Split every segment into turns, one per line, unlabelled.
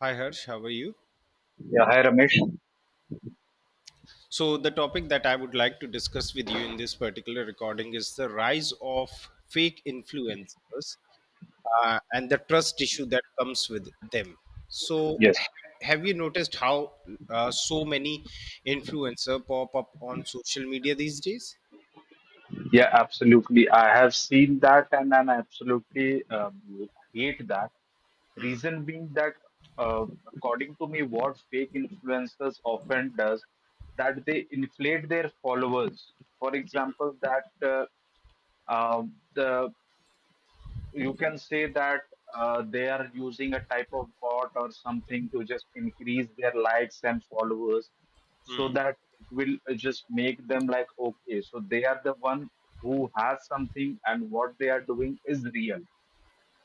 Hi Harsh, how are you?
Yeah, hi Ramesh.
So, the topic that I would like to discuss with you in this particular recording is the rise of fake influencers and the trust issue that comes with them. So,
Yes,
have you noticed how so many influencer pop up on social media these days?
yeah, absolutely. I have seen that and I absolutely hate that. Reason being that, uh, according to me, what fake influencers often does that they inflate their followers. For example, that the you can say that they are using a type of bot or something to just increase their likes and followers, so that it will just make them like, okay, so they are the one who has something and what they are doing is real.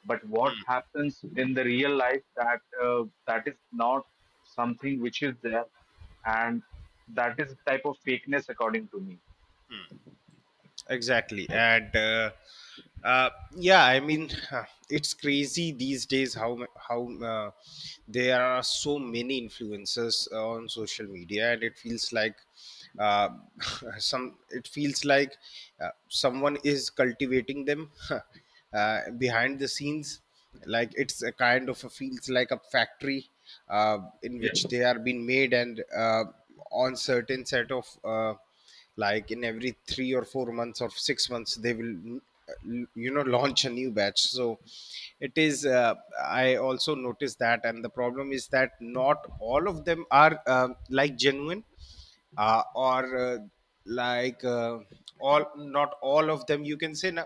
But what happens in the real life, that is not something which is there, and that is type of fakeness according to me.
Exactly. and uh, yeah, I mean, it's crazy these days how how there are so many influencers on social media, and it feels like, uh, some it feels like someone is cultivating them, behind the scenes. Like it's a kind of a feels like a factory, in
Yes.
which they are being made. And on certain set of, like in every 3 or 4 months or 6 months they will, uh, launch a new batch. So it is, I also noticed that. And the problem is that not all of them are, like, genuine, or like all not all of them you can say, na,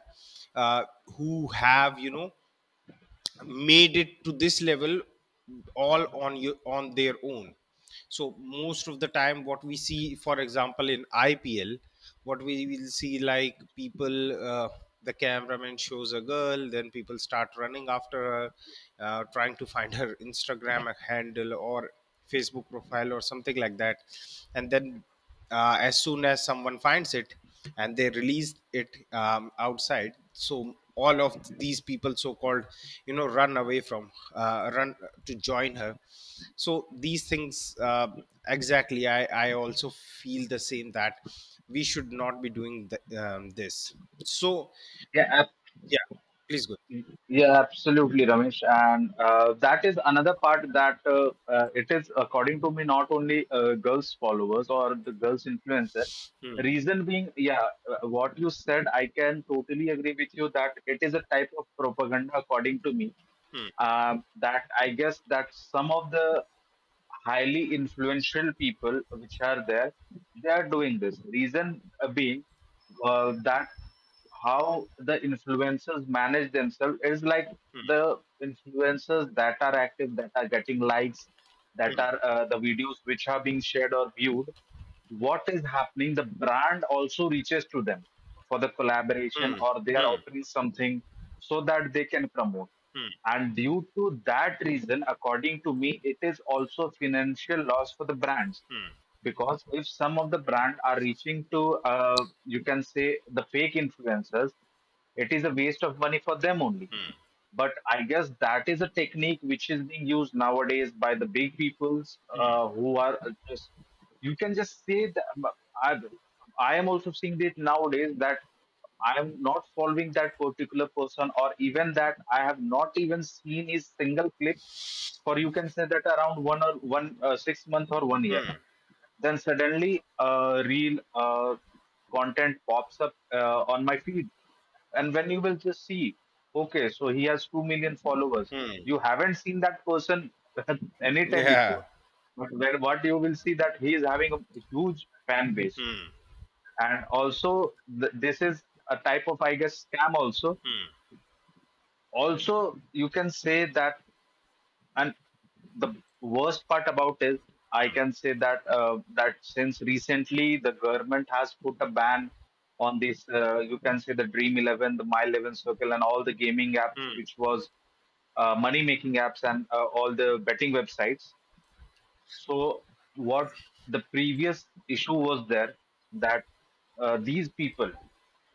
uh, who have, made it to this level all on their own. So most of the time, what we see, for example, in IPL, what we will see, like people, the cameraman shows a girl, then people start running after her, trying to find her Instagram handle or Facebook profile or something like that. And then, as soon as someone finds it and they release it outside, so all of these people, so called, run away from, run to join her. So these things, exactly. I also feel the same that we should not be doing this. So
Yeah.
yeah, please go.
Yeah, absolutely, Ramesh. And that is another part that it is, according to me, not only girls' followers or the girls' influencer.
Hmm,
Reason being, yeah, what you said, I can totally agree with you that it is a type of propaganda, according to me.
hmm,
That I guess that some of the highly influential people which are there, they are doing this. Reason being that how the influencers manage themselves is like
hmm,
the influencers that are active, that are getting likes, that are the videos which are being shared or viewed, what is happening, the brand also reaches to them for the collaboration
hmm,
or they are
hmm,
offering something so that they can promote.
hmm,
And due to that reason, according to me, it is also financial loss for the brands, because if some of the brand are reaching to, you can say, the fake influencers, it is a waste of money for them only. But I guess that is a technique which is being used nowadays by the big peoples, who are just. You can just say that I, I am also seeing it nowadays that I am not following that particular person, or even that I have not even seen his single clip for, you can say, that around one or one 6 month or one year. Then suddenly a real content pops up on my feed. And when you will just see, okay, so he has 2 million followers.
hmm, hmm.
You haven't seen that person anytime before.
Yeah.
But where what you will see that he is having a huge fan base,
Hmm,
and also this is a type of, I guess, scam. Also,
hmm,
also you can say that. And the worst part about it, I can say that that since recently the government has put a ban on this, you can say, the Dream 11, the My 11 Circle, and all the gaming apps,
hmm,
which was money making apps, and all the betting websites. So what the previous issue was there that these people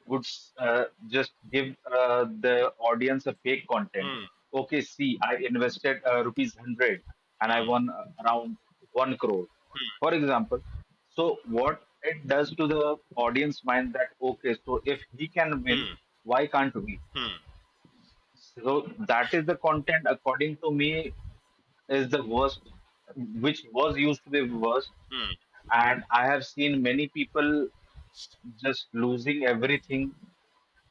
would just give the audience a fake content.
hmm,
Okay, see, I invested rupees 100 and I won around one crore, for example. So what it does to the audience mind, that okay, so if he can win,
hmm,
why can't we?
hmm,
So that is the content, according to me, is the worst, which was used to be worst.
hmm.
And I have seen many people just losing everything,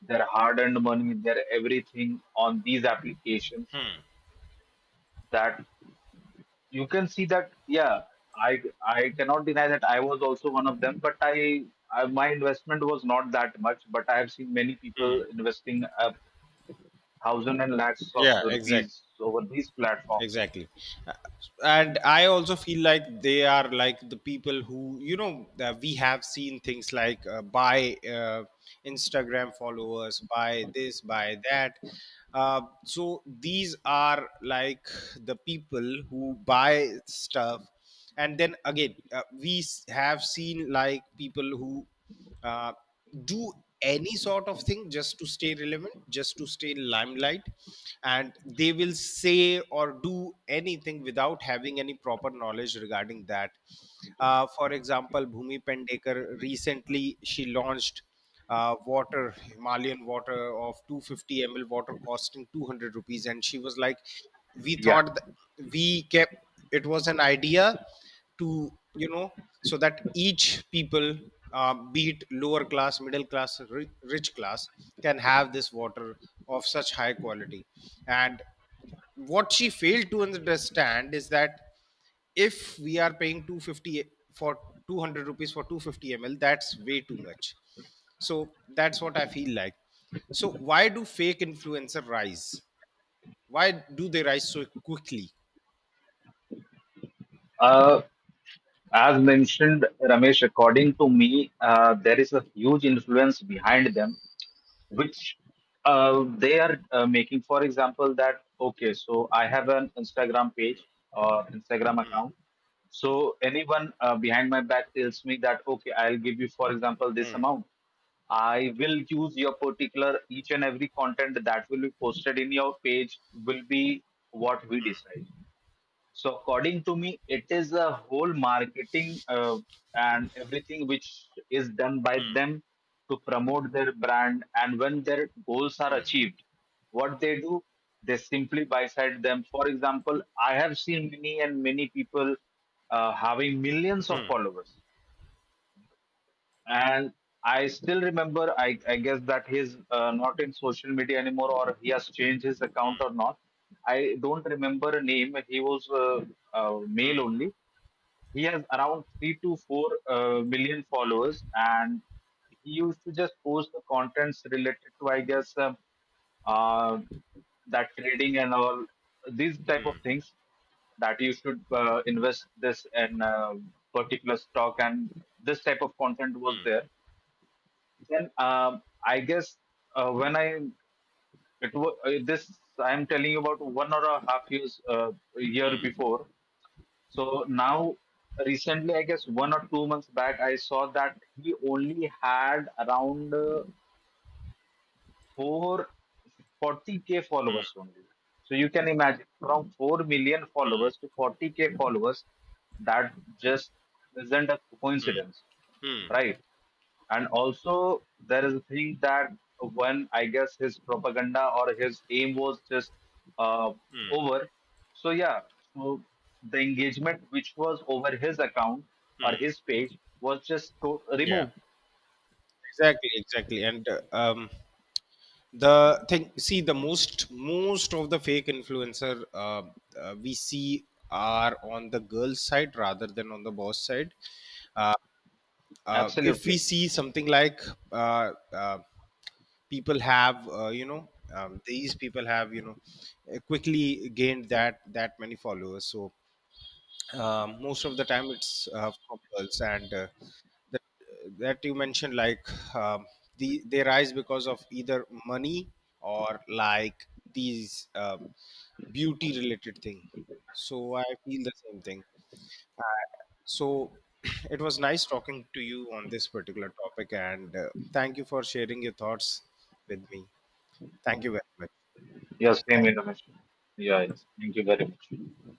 their hard-earned money, their everything on these applications. That you can see that, yeah, I cannot deny that I was also one of them, but I my investment was not that much. But I have seen many people investing a thousand and lakhs of
Yeah, exactly.
rupees over these platforms.
Exactly. Uh, and I also feel like they are like the people who, you know we have seen things like, buy, uh, Instagram followers, buy this, buy that, so these are like the people who buy stuff. And then again, we have seen like people who uh, do any sort of thing just to stay relevant, just to stay in limelight, and they will say or do anything without having any proper knowledge regarding that. For example, Bhumi Pendekar recently, she launched water, Himalayan water of 250 ml, water costing ₹200. And she was like, we
Yeah.
thought, we kept, it was an idea to, so that each people, be it lower class, middle class, rich class, can have this water of such high quality. And what she failed to understand is that if we are paying 250 for ₹200 for 250 ml, that's way too much. So that's what I feel like. So why do fake influencer rise? Why do they rise so quickly?
Uh, as mentioned, Ramesh, according to me, there is a huge influence behind them, which they are making. For example, that okay, so I have an Instagram page or Instagram account, so anyone behind my back tells me that okay, I'll give you, for example, this
Hmm.
amount, I will use your particular, each and every content that will be posted in your page will be what we decide. So, according to me, it is a whole marketing and everything, which is done by them to promote their brand. And when their goals are achieved, what they do, they simply buy side them. For example, I have seen many and many people having millions of followers, and I still remember. I guess that he's not in social media anymore, or he has changed his account or not. I don't remember a name. He was male only. He has around three to four million followers, and he used to just post the contents related to, I guess, uh, that trading and all these type of
Hmm,
things, that you should invest this in particular stock, and this type of content was
hmm,
there. Then I guess when I, this I'm telling you about one or a half years year
hmm.
before. So now recently, I guess 1 or 2 months back, I saw that he only had around 440K followers only. So you can imagine, from 4 million followers to 40K followers, that just isn't a coincidence,
Hmm.
right? And also, there is a thing that when I guess his propaganda or his aim was just uh, over. So, yeah, so the engagement which was over his account or his page was just
Yeah.
removed.
Exactly. Exactly. And The thing, see, the most of the fake influencer, we see are on the girl's side rather than on the boss side. If we
Absolutely.
see something like, uh, uh, people have, these people have, quickly gained that many followers. So, most of the time it's, from girls. And, that, that you mentioned, like, um, they rise because of either money or like these, beauty related thing. So I feel the same thing, uh, so it was nice talking to you on this particular topic. And, thank you for sharing your thoughts with me. Thank you very much.
Yeah,
Yeah,
same
thank
information. Yeah, yes. Thank you very much.